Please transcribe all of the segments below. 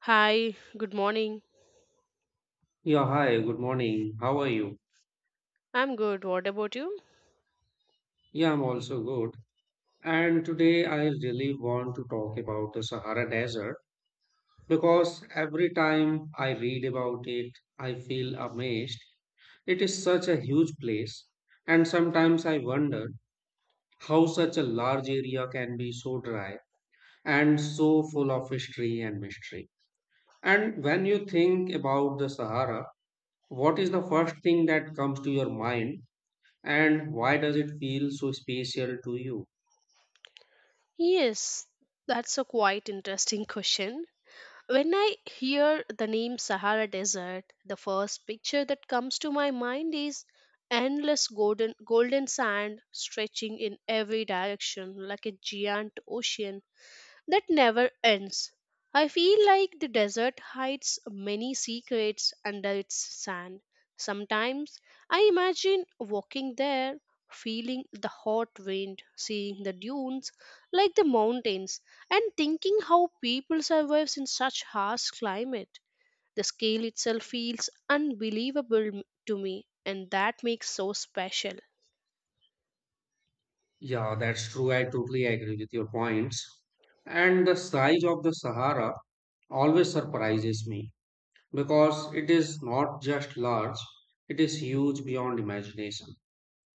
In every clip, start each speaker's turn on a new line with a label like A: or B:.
A: Hi, good morning.
B: Yeah, hi, good morning. How are you?
A: I'm good. What about you?
B: Yeah, I'm also good. And today I really want to talk about the Sahara Desert because every time I read about it, I feel amazed. It is such a huge place, and sometimes I wonder how such a large area can be so dry and so full of history and mystery. And when you think about the Sahara, what is the first thing that comes to your mind, and why does it feel so special to you?
A: Yes, that's a quite interesting question. When I hear the name Sahara Desert, the first picture that comes to my mind is endless golden sand stretching in every direction like a giant ocean that never ends. I feel like the desert hides many secrets under its sand. Sometimes I imagine walking there, feeling the hot wind, seeing the dunes like the mountains, and thinking how people survive in such harsh climate. The scale itself feels unbelievable to me, and that makes so special.
B: Yeah, that's true. I totally agree with your points. And the size of the Sahara always surprises me because it is not just large, it is huge beyond imagination.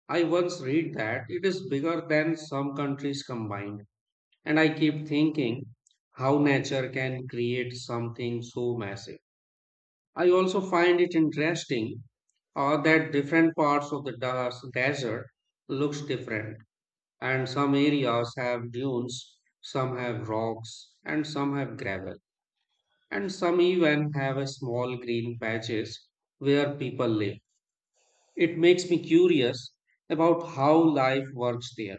B: I once read that it is bigger than some countries combined, and I keep thinking how nature can create something so massive. I also find it interesting that different parts of the desert looks different and some areas have dunes, some have rocks, and some have gravel, and some even have a small green patches where people live. It makes me curious about how life works there.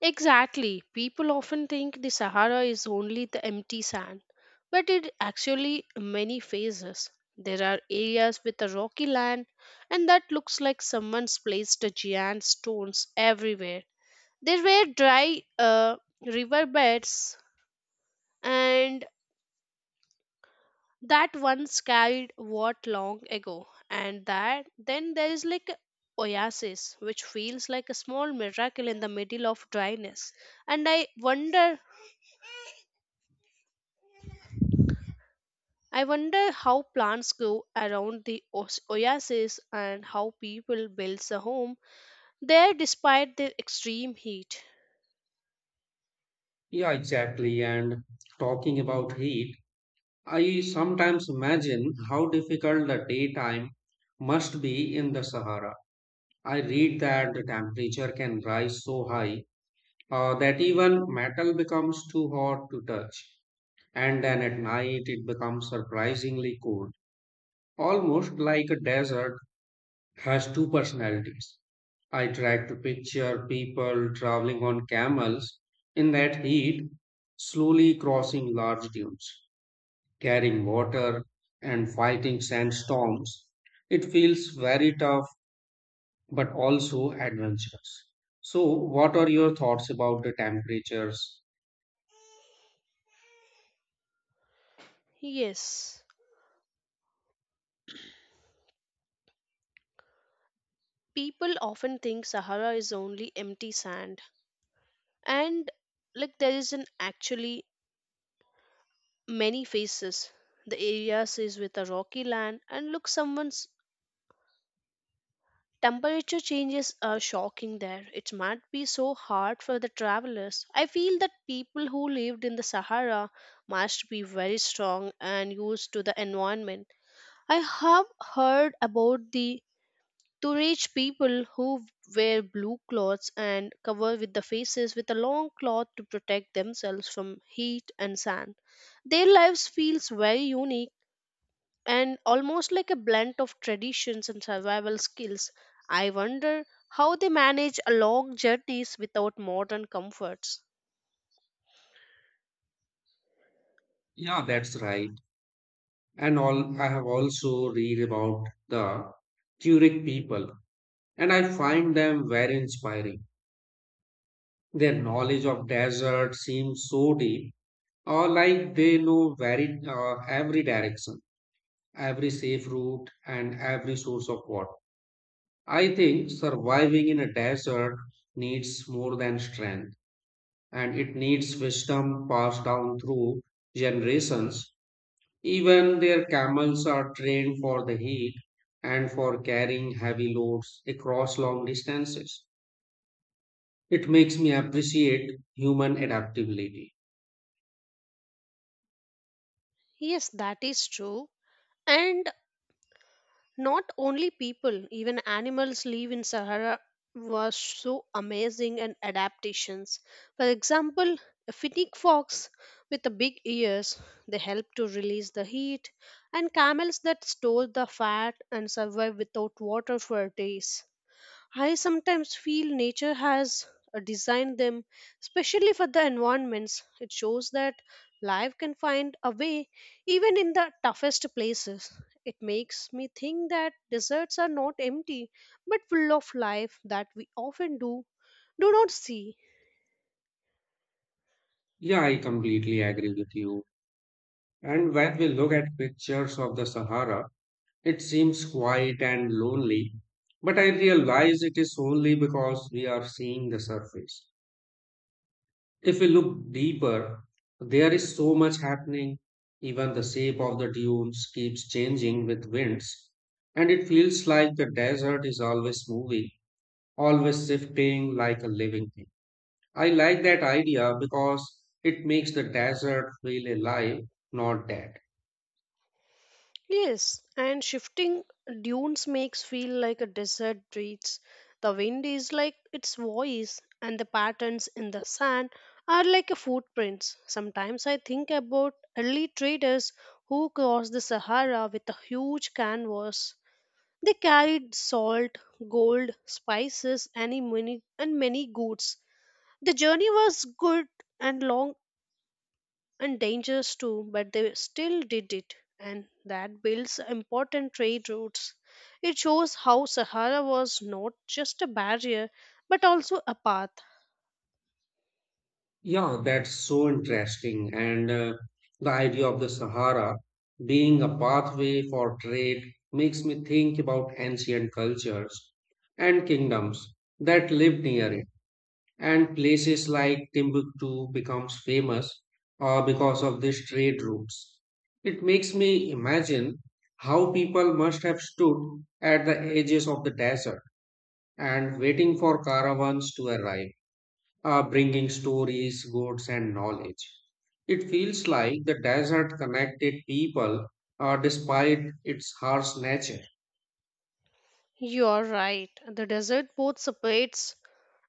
A: Exactly. People often think the Sahara is only the empty sand, but it actually many phases. There are areas with a rocky land and that looks like someone's placed a giant stones everywhere. There were dry river beds and that once carried what long ago, and that then there is like a oasis which feels like a small miracle in the middle of dryness, and I wonder how plants grow around the oasis and how people build a home there despite the extreme heat.
B: Yeah, exactly. And talking about heat, I sometimes imagine how difficult the daytime must be in the Sahara. I read that the temperature can rise so high that even metal becomes too hot to touch and then at night it becomes surprisingly cold, almost like a desert has two personalities. I tried to picture people traveling on camels in that heat, slowly crossing large dunes, carrying water, and fighting sandstorms. It feels very tough but also adventurous. So, what are your thoughts about the temperatures?
A: Yes, people often think Sahara is only empty sand, and like there is an actually many faces. The areas is with a rocky land and look someone's. Temperature changes are shocking there. It might be so hard for the travelers. I feel that people who lived in the Sahara must be very strong and used to the environment. I have heard about the Tuareg people who wear blue clothes and cover with the faces with a long cloth to protect themselves from heat and sand. Their lives feels very unique and almost like a blend of traditions and survival skills. I wonder how they manage a long journeys without modern comforts.
B: Yeah, that's right. And all I have also read about the Tuareg people and I find them very inspiring. Their knowledge of desert seems so deep or like they know very every direction, every safe route and every source of water. I think surviving in a desert needs more than strength and it needs wisdom passed down through generations. Even their camels are trained for the heat and for carrying heavy loads across long distances. It makes me appreciate human adaptability.
A: Yes, that is true. And not only people, even animals live in Sahara was so amazing and adaptations. For example, a finnick fox with the big ears, they help to release the heat, and camels that store the fat and survive without water for days. I sometimes feel nature has designed them specially for the environments. It shows that life can find a way even in the toughest places. It makes me think that deserts are not empty but full of life that we often do not see.
B: Yeah, I completely agree with you. And when we look at pictures of the Sahara, it seems quiet and lonely, but I realize it is only because we are seeing the surface. If we look deeper, there is so much happening. Even the shape of the dunes keeps changing with winds, and it feels like the desert is always moving, always shifting like a living thing. I like that idea because it makes the desert feel alive, not dead.
A: Yes, and shifting dunes makes feel like a desert breathes. The wind is like its voice, and the patterns in the sand are like a footprints. Sometimes I think about early traders who crossed the Sahara with a huge canvas. They carried salt, gold, spices, and many goods. The journey was good and long and dangerous too, but they still did it, and that builds important trade routes. It shows how Sahara was not just a barrier but also a path.
B: Yeah, that's so interesting. And the idea of the Sahara being a pathway for trade makes me think about ancient cultures and kingdoms that lived near it. And places like Timbuktu becomes famous because of these trade routes. It makes me imagine how people must have stood at the edges of the desert and waiting for caravans to arrive bringing stories, goods, and knowledge. It feels like the desert connected people despite its harsh nature.
A: You're right, the desert both separates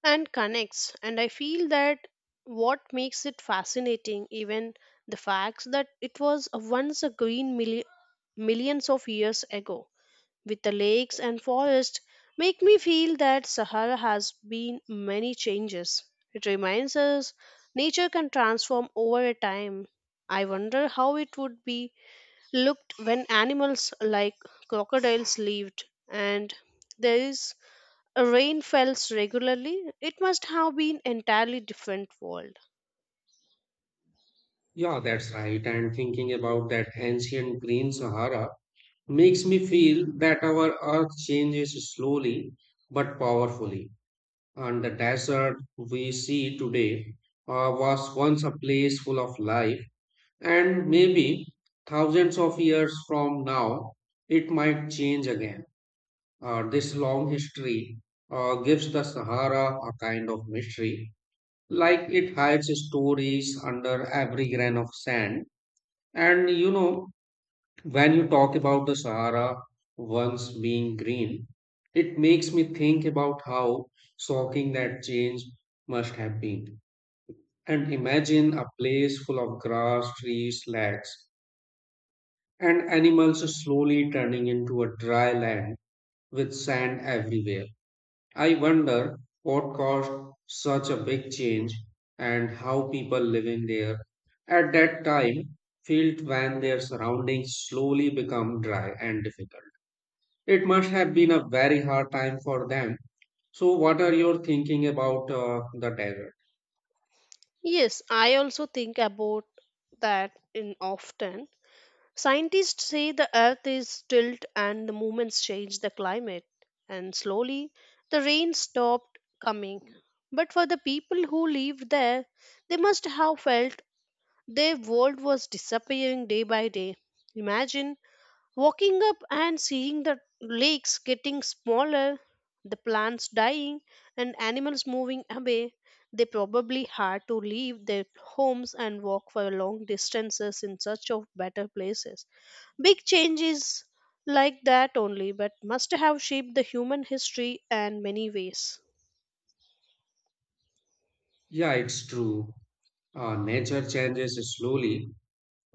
A: and connects, and I feel that what makes it fascinating, even the fact that it was once a green millions of years ago, with the lakes and forests, make me feel that Sahara has been many changes. It reminds us nature can transform over a time. I wonder how it would be looked when animals like crocodiles lived and there is a rain falls regularly. It must have been entirely different world.
B: Yeah, that's right. And thinking about that ancient green Sahara makes me feel that our earth changes slowly but powerfully. And the desert we see today was once a place full of life, and maybe thousands of years from now, it might change again. This long history gives the Sahara a kind of mystery, like it hides stories under every grain of sand. And you know, when you talk about the Sahara once being green, it makes me think about how shocking that change must have been. And imagine a place full of grass, trees, lakes, and animals slowly turning into a dry land with sand everywhere. I wonder what caused such a big change and how people living there at that time felt when their surroundings slowly become dry and difficult. It must have been a very hard time for them. So, what are your thinking about the desert?
A: Yes, I also think about that in often. Scientists say the earth is tilted and the movements change the climate, and slowly the rain stopped coming. But for the people who lived there, they must have felt their world was disappearing day by day. Imagine walking up and seeing the lakes getting smaller, the plants dying, and animals moving away. They probably had to leave their homes and walk for long distances in search of better places. Big changes like that only, but must have shaped the human history in many ways.
B: Yeah, it's true. Nature changes slowly,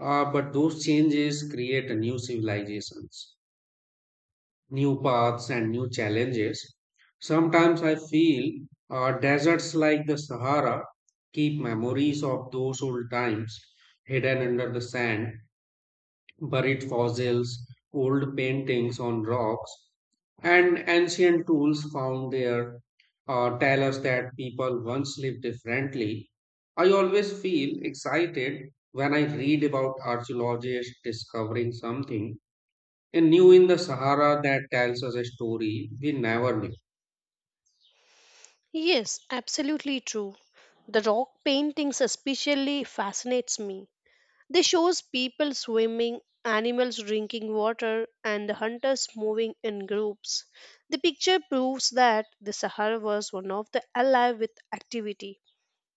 B: but those changes create new civilizations, new paths and new challenges. Sometimes I feel deserts like the Sahara keep memories of those old times hidden under the sand, buried fossils, old paintings on rocks, and ancient tools found there tell us that people once lived differently. I always feel excited when I read about archaeologists discovering something a new in the Sahara that tells us a story we never knew.
A: Yes, absolutely true. The rock paintings especially fascinates me. They shows people swimming, animals drinking water, and the hunters moving in groups. The picture proves that the Sahara was one of the alive with activity.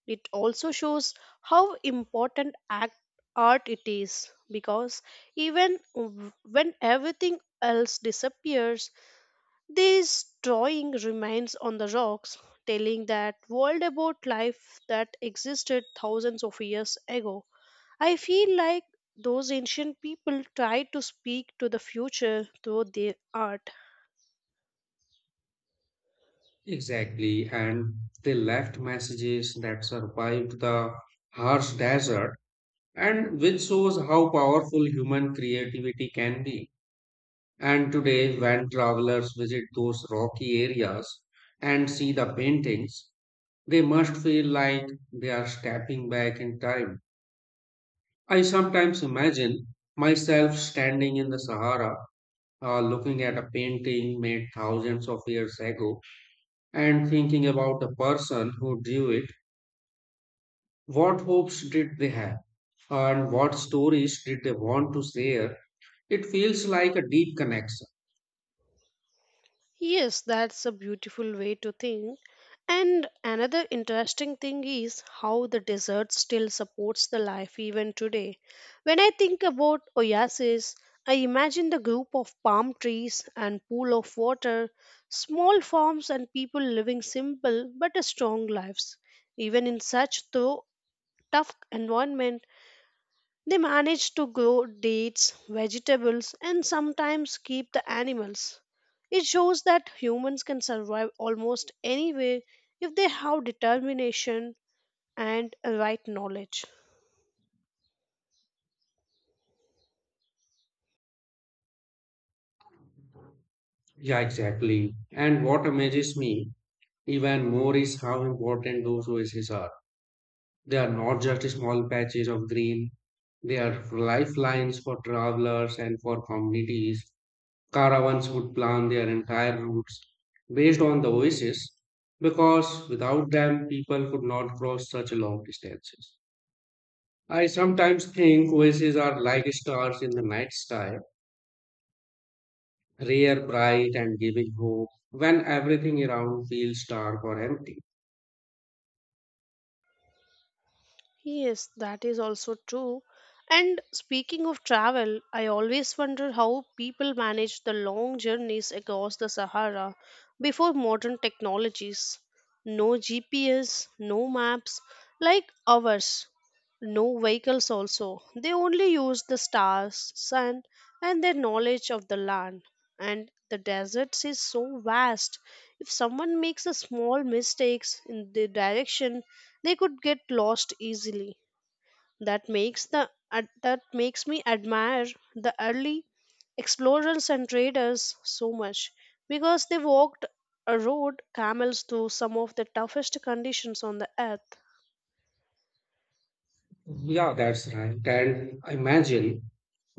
A: It also shows how important art it is because even when everything else disappears, this drawing remains on the rocks, telling that world about life that existed thousands of years ago. I feel like those ancient people tried to speak to the future through their art.
B: Exactly, and they left messages that survived the harsh desert, and which shows how powerful human creativity can be. And today, when travelers visit those rocky areas and see the paintings, they must feel like they are stepping back in time. I sometimes imagine myself standing in the Sahara looking at a painting made thousands of years ago and thinking about the person who drew it, what hopes did they have, and what stories did they want to share? It feels like a deep connection.
A: Yes, that's a beautiful way to think. And another interesting thing is how the desert still supports the life even today. When I think about oasis, I imagine the group of palm trees and pool of water, small farms and people living simple but strong lives. Even in such though tough environment, they manage to grow dates, vegetables, and sometimes keep the animals. It shows that humans can survive almost anywhere if they have determination and a right knowledge.
B: Yeah, exactly. And what amazes me even more is how important those oases are. They are not just small patches of green, they are lifelines for travelers and for communities. Caravans would plan their entire routes based on the oases because without them, people could not cross such long distances. I sometimes think oases are like stars in the night sky, rare, bright, and giving hope when everything around feels dark or empty.
A: Yes, that is also true. And speaking of travel, I always wonder how people manage the long journeys across the Sahara before modern technologies. No GPS, no maps like ours, no vehicles also. They only used the stars, sun, and their knowledge of the land, and the deserts is so vast. If someone makes a small mistakes in the direction, they could get lost easily. That makes me admire the early explorers and traders so much because they walked a road camels through some of the toughest conditions on the earth.
B: Yeah, that's right. And imagine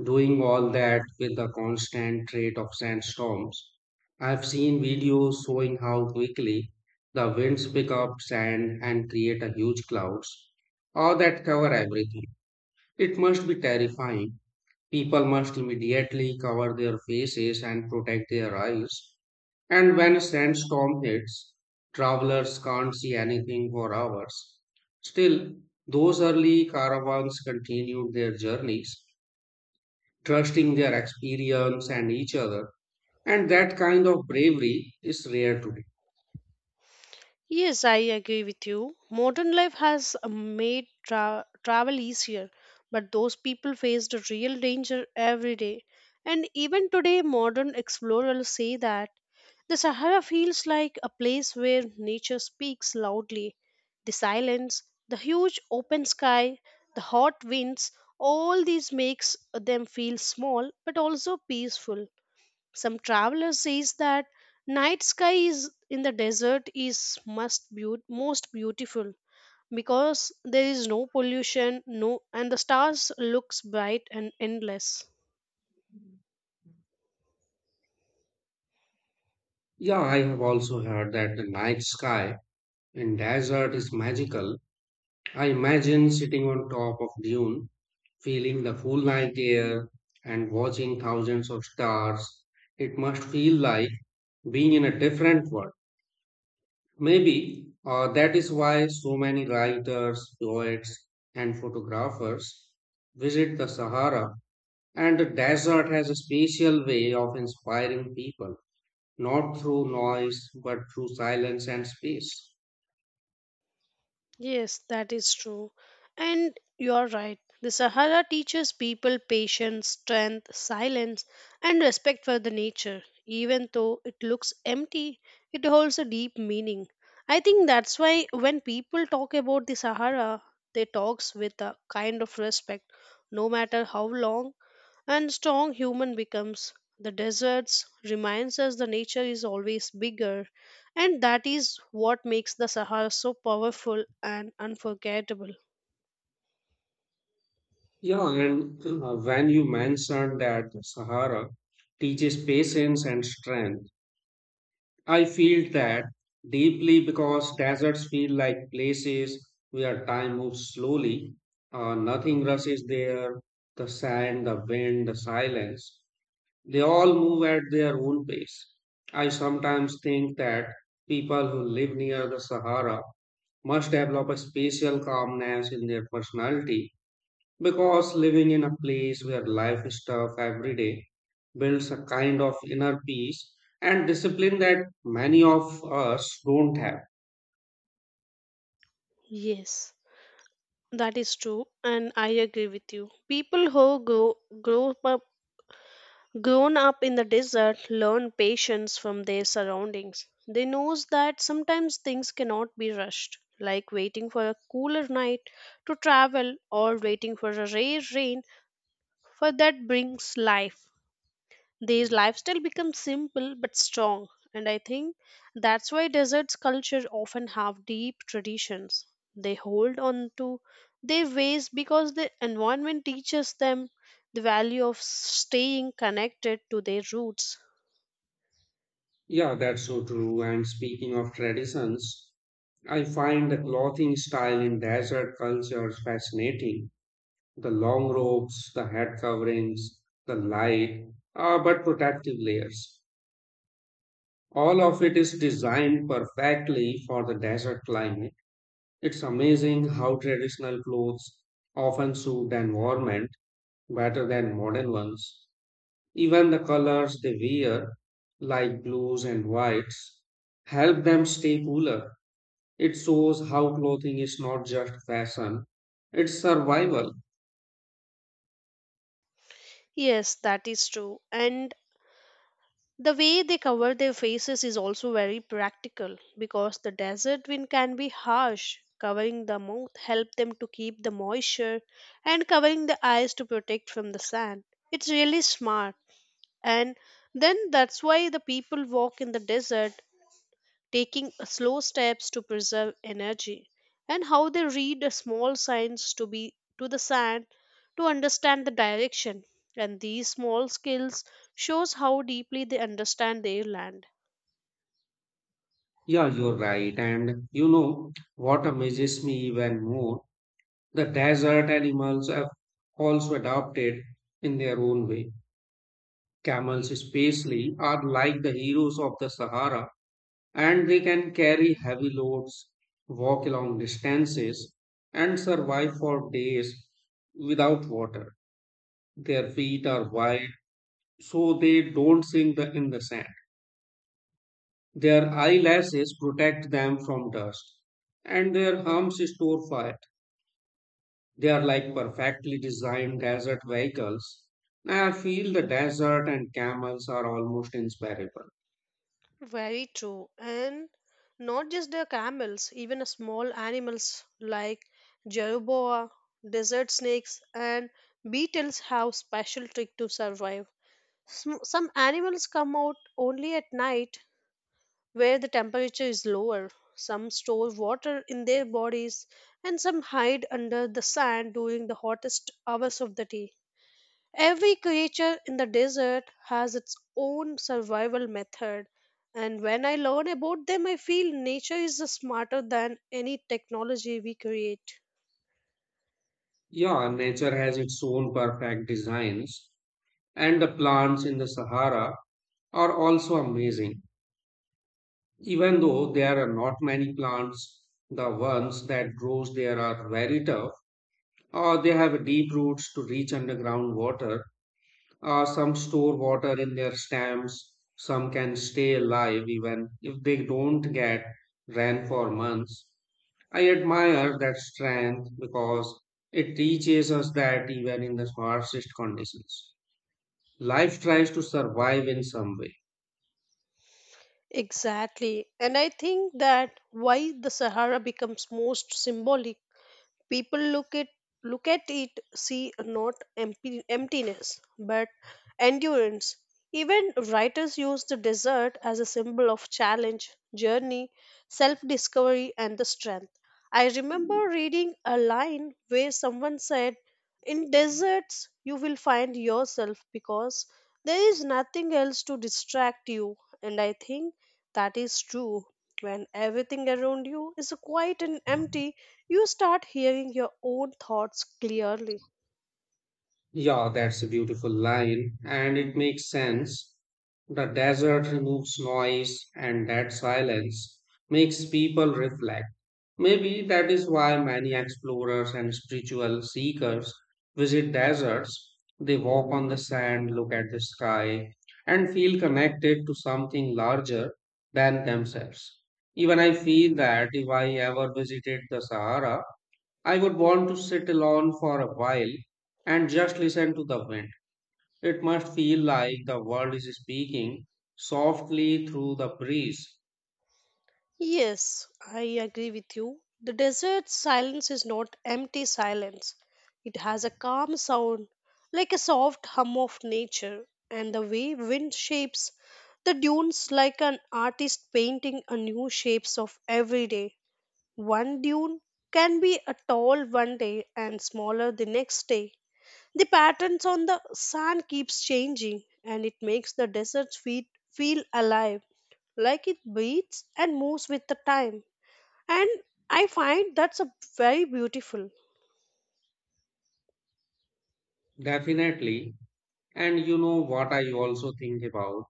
B: doing all that with the constant rate of sandstorms. I've seen videos showing how quickly the winds pick up sand and create a huge clouds, all that cover everything. It must be terrifying. People must immediately cover their faces and protect their eyes. And when a sandstorm hits, travelers can't see anything for hours. Still, those early caravans continued their journeys, trusting their experience and each other. And that kind of bravery is rare today.
A: Yes, I agree with you. Modern life has made travel easier, but those people faced a real danger every day. And even today, modern explorers say that the Sahara feels like a place where nature speaks loudly. The silence, the huge open sky, the hot winds, all these makes them feel small but also peaceful. Some traveler says that night sky is in the desert is most beautiful because there is no pollution no and the stars looks bright and endless.
B: Yeah, I have also heard that the night sky in desert is magical. I imagine sitting on top of dune, feeling the full night air and watching thousands of stars. It must feel like being in a different world. Maybe that is why so many writers, poets, and photographers visit the Sahara, and the desert has a special way of inspiring people, not through noise, but through silence and space.
A: Yes, that is true. And you're right. The Sahara teaches people patience, strength, silence, and respect for the nature. Even though it looks empty, it holds a deep meaning. I think that's why when people talk about the Sahara, they talks with a kind of respect, no matter how long and strong human becomes, the deserts reminds us the nature is always bigger, and that is what makes the Sahara so powerful and unforgettable.
B: Yeah, and when you mentioned that the Sahara teaches patience and strength, I feel that deeply because deserts feel like places where time moves slowly. Nothing rushes there. The sand, the wind, the silence, they all move at their own pace. I sometimes think that people who live near the Sahara must develop a special calmness in their personality because living in a place where life is tough every day builds a kind of inner peace and discipline that many of us don't have.
A: Yes, that is true, and I agree with you. People who grow up grown up in the desert learn patience from their surroundings. They knows that sometimes things cannot be rushed, like waiting for a cooler night to travel or waiting for a rare rain for that brings life. Their lifestyle becomes simple but strong, and I think that's why deserts culture often have deep traditions. They hold on to their ways because the environment teaches them the value of staying connected to their roots.
B: Yeah, that's so true. And speaking of traditions, I find the clothing style in desert cultures fascinating. The long robes, the head coverings, the light, but protective layers. All of it is designed perfectly for the desert climate. It's amazing how traditional clothes often suit the environment better than modern ones. Even the colors they wear, like blues and whites, help them stay cooler. It shows how clothing is not just fashion, it's survival.
A: Yes, that is true. And the way they cover their faces is also very practical because the desert wind can be harsh. Covering the mouth help them to keep the moisture, and covering the eyes to protect from the sun. It's really smart. And then that's why the people walk in the desert taking slow steps to preserve energy, and how they read the small signs to be to the sand to understand the direction. And these small skills shows how deeply they understand their land.
B: Yeah, you're right. And you know what amazes me even more? The desert animals have also adapted in their own way. Camels, especially, are like the heroes of the Sahara and they can carry heavy loads, walk long distances, and survive for days without water. Their feet are wide, so they don't sink in the sand. Their eyelashes protect them from dust, and their humps store fire. They are like perfectly designed desert vehicles. I feel the desert and camels are almost inseparable.
A: Very true. And not just the camels, even a small animals like jerboa, desert snakes, and beetles have special trick to survive. Some animals come out only at night where the temperature is lower. Some store water in their bodies, and some hide under the sand during the hottest hours of the day. Every creature in the desert has its own survival method, and when I learn about them, I feel nature is smarter than any technology we create.
B: Yeah, nature has its own perfect designs, and the plants in the Sahara are also amazing. Even though there are not many plants, the ones that grows there are very tough. They have deep roots to reach underground water. Some store water in their stems. Some can stay alive even if they don't get rain for months. I admire that strength because it teaches us that even in the harshest conditions, life tries to survive in some way.
A: Exactly, and I think that why the Sahara becomes most symbolic. People look at it see not empty, emptiness but endurance. Even writers use the desert as a symbol of challenge, journey, self-discovery and the strength. I remember reading a line where someone said, "In deserts you will find yourself because there is nothing else to distract you." And I think that is true. When everything around you is quiet and empty, you start hearing your own thoughts clearly.
B: Yeah, that's a beautiful line, and it makes sense. The desert removes noise, and that silence makes people reflect. Maybe that is why many explorers and spiritual seekers visit deserts. They walk on the sand, look at the sky, and feel connected to something larger than themselves. Even I feel that if I ever visited the Sahara, I would want to sit alone for a while and just listen to the wind. It must feel like the world is speaking softly through the breeze.
A: Yes, I agree with you. The desert silence is not empty silence. It has a calm sound, like a soft hum of nature, and the way wind shapes the dunes like an artist painting a new shapes of every day. One dune can be a tall one day and smaller the next day. The patterns on the sand keeps changing and it makes the desert's feet feel alive, like it beats and moves with the time. And I find that's a very beautiful.
B: Definitely. And you know what I also think about?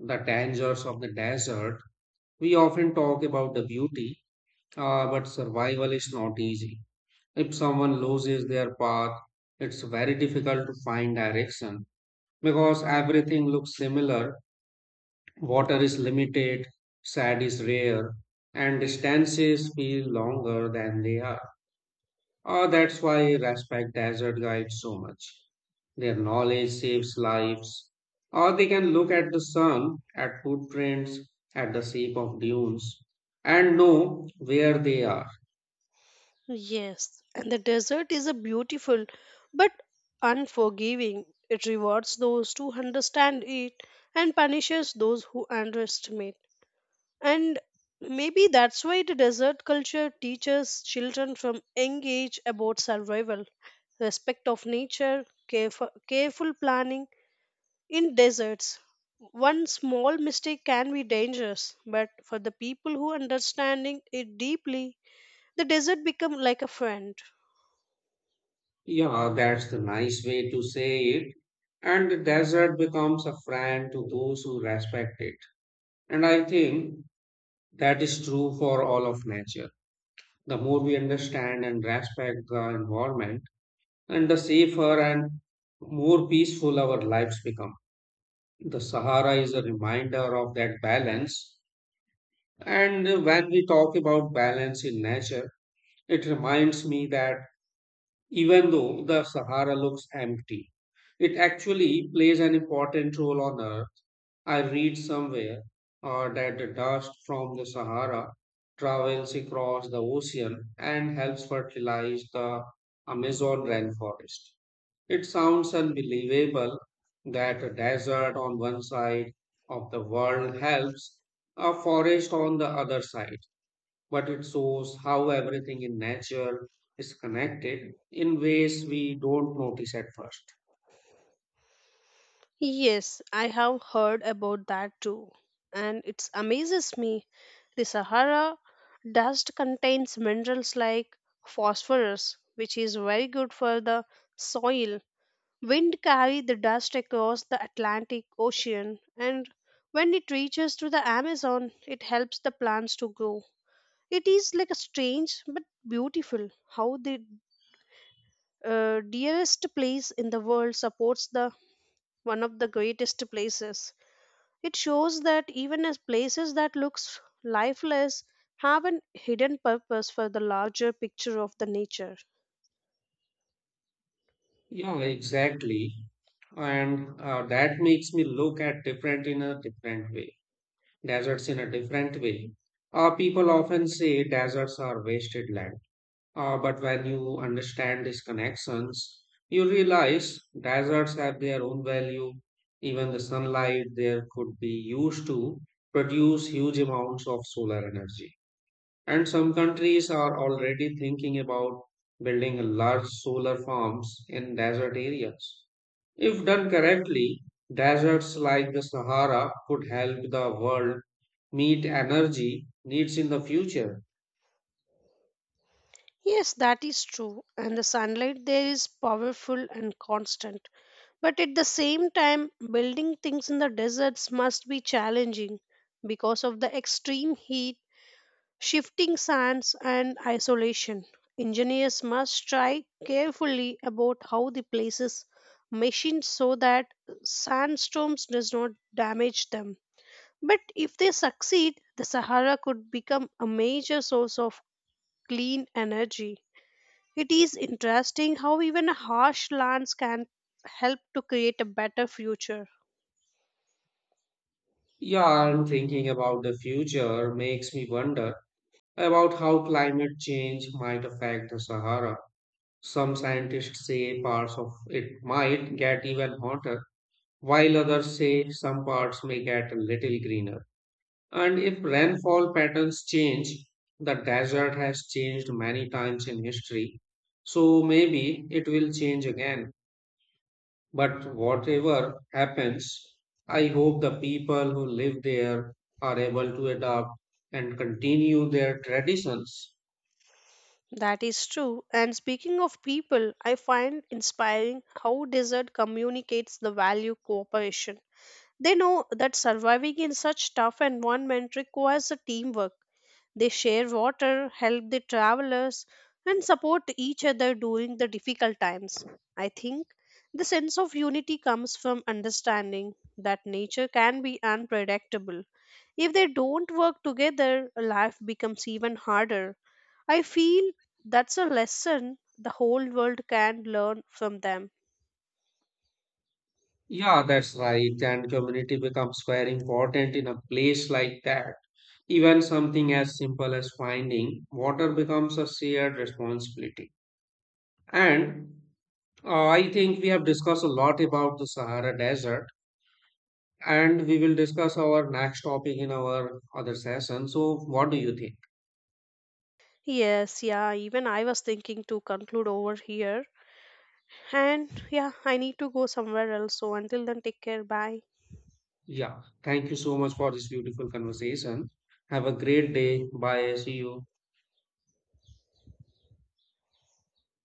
B: The dangers of the desert. We often talk about the beauty, but survival is not easy. If someone loses their path, it's very difficult to find direction because everything looks similar. Water is limited, sand is rare, and distances feel longer than they are. Ah, that's why I respect desert guides so much. Their knowledge saves lives. Or they can look at the sun, at footprints, at the shape of dunes, and know where they are.
A: Yes, and the desert is a beautiful but unforgiving. It rewards those who understand it and punishes those who underestimate. And maybe that's why the desert culture teaches children from young age about survival, respect of nature, careful planning. In deserts, one small mistake can be dangerous, but for the people who understanding it deeply, the desert become like a friend.
B: Yeah, that's the nice way to say it. And the desert becomes a friend to those who respect it. And I think that is true for all of nature. The more we understand and respect the environment, and the safer and more peaceful our lives become. The Sahara is a reminder of that balance. And when we talk about balance in nature, it reminds me that even though the Sahara looks empty, it actually plays an important role on Earth. I read somewhere that the dust from the Sahara travels across the ocean and helps fertilize the Amazon rainforest. It sounds unbelievable that a desert on one side of the world helps a forest on the other side, but it shows how everything in nature is connected in ways we don't notice at first.
A: Yes, I have heard about that too, and it amazes me. The Sahara dust contains minerals like phosphorus, which is very good for the soil. Wind carried the dust across the Atlantic Ocean, and when it reaches to the Amazon, it helps the plants to grow. It is like a strange but beautiful how the dearest place in the world supports the one of the greatest places. It shows that even as places that looks lifeless have an hidden purpose for the larger picture of the nature.
B: Yeah, exactly. And that makes me look at different in a different way deserts in a different way. People often say deserts are wasted land, but when you understand these connections you realize deserts have their own value. Even the sunlight there could be used to produce huge amounts of solar energy, and some countries are already thinking about building large solar farms in desert areas. If done correctly, deserts like the Sahara could help the world meet energy needs in the future.
A: Yes, that is true. And the sunlight there is powerful and constant. But at the same time, building things in the deserts must be challenging because of the extreme heat, shifting sands, and isolation. Engineers must try carefully about how the places machined so that sandstorms does not damage them. But if they succeed, the Sahara could become a major source of clean energy. It is interesting how even harsh lands can help to create a better future.
B: Yeah, and thinking about the future makes me wonder about how climate change might affect the Sahara. Some scientists say parts of it might get even hotter, while others say some parts may get a little greener. And if rainfall patterns change, the desert has changed many times in history. So maybe it will change again. But whatever happens, I hope the people who live there are able to adapt and continue their traditions.
A: That is true. And speaking of people, I find inspiring how desert communicates the value cooperation. They know that surviving in such tough environment requires a teamwork. They share water, help the travelers, and support each other during the difficult times. I think the sense of unity comes from understanding that nature can be unpredictable. If they don't work together, life becomes even harder. I feel that's a lesson the whole world can learn from them.
B: Yeah, that's right. And community becomes very important in a place like that. Even something as simple as finding water becomes a shared responsibility. And I think we have discussed a lot about the Sahara Desert, and we will discuss our next topic in our other session. So, what do you think?
A: Yes, yeah, even I was thinking to conclude over here. And yeah, I need to go somewhere else. So until then, take care. Bye.
B: Yeah, thank you so much for this beautiful conversation. Have a great day. Bye. See you.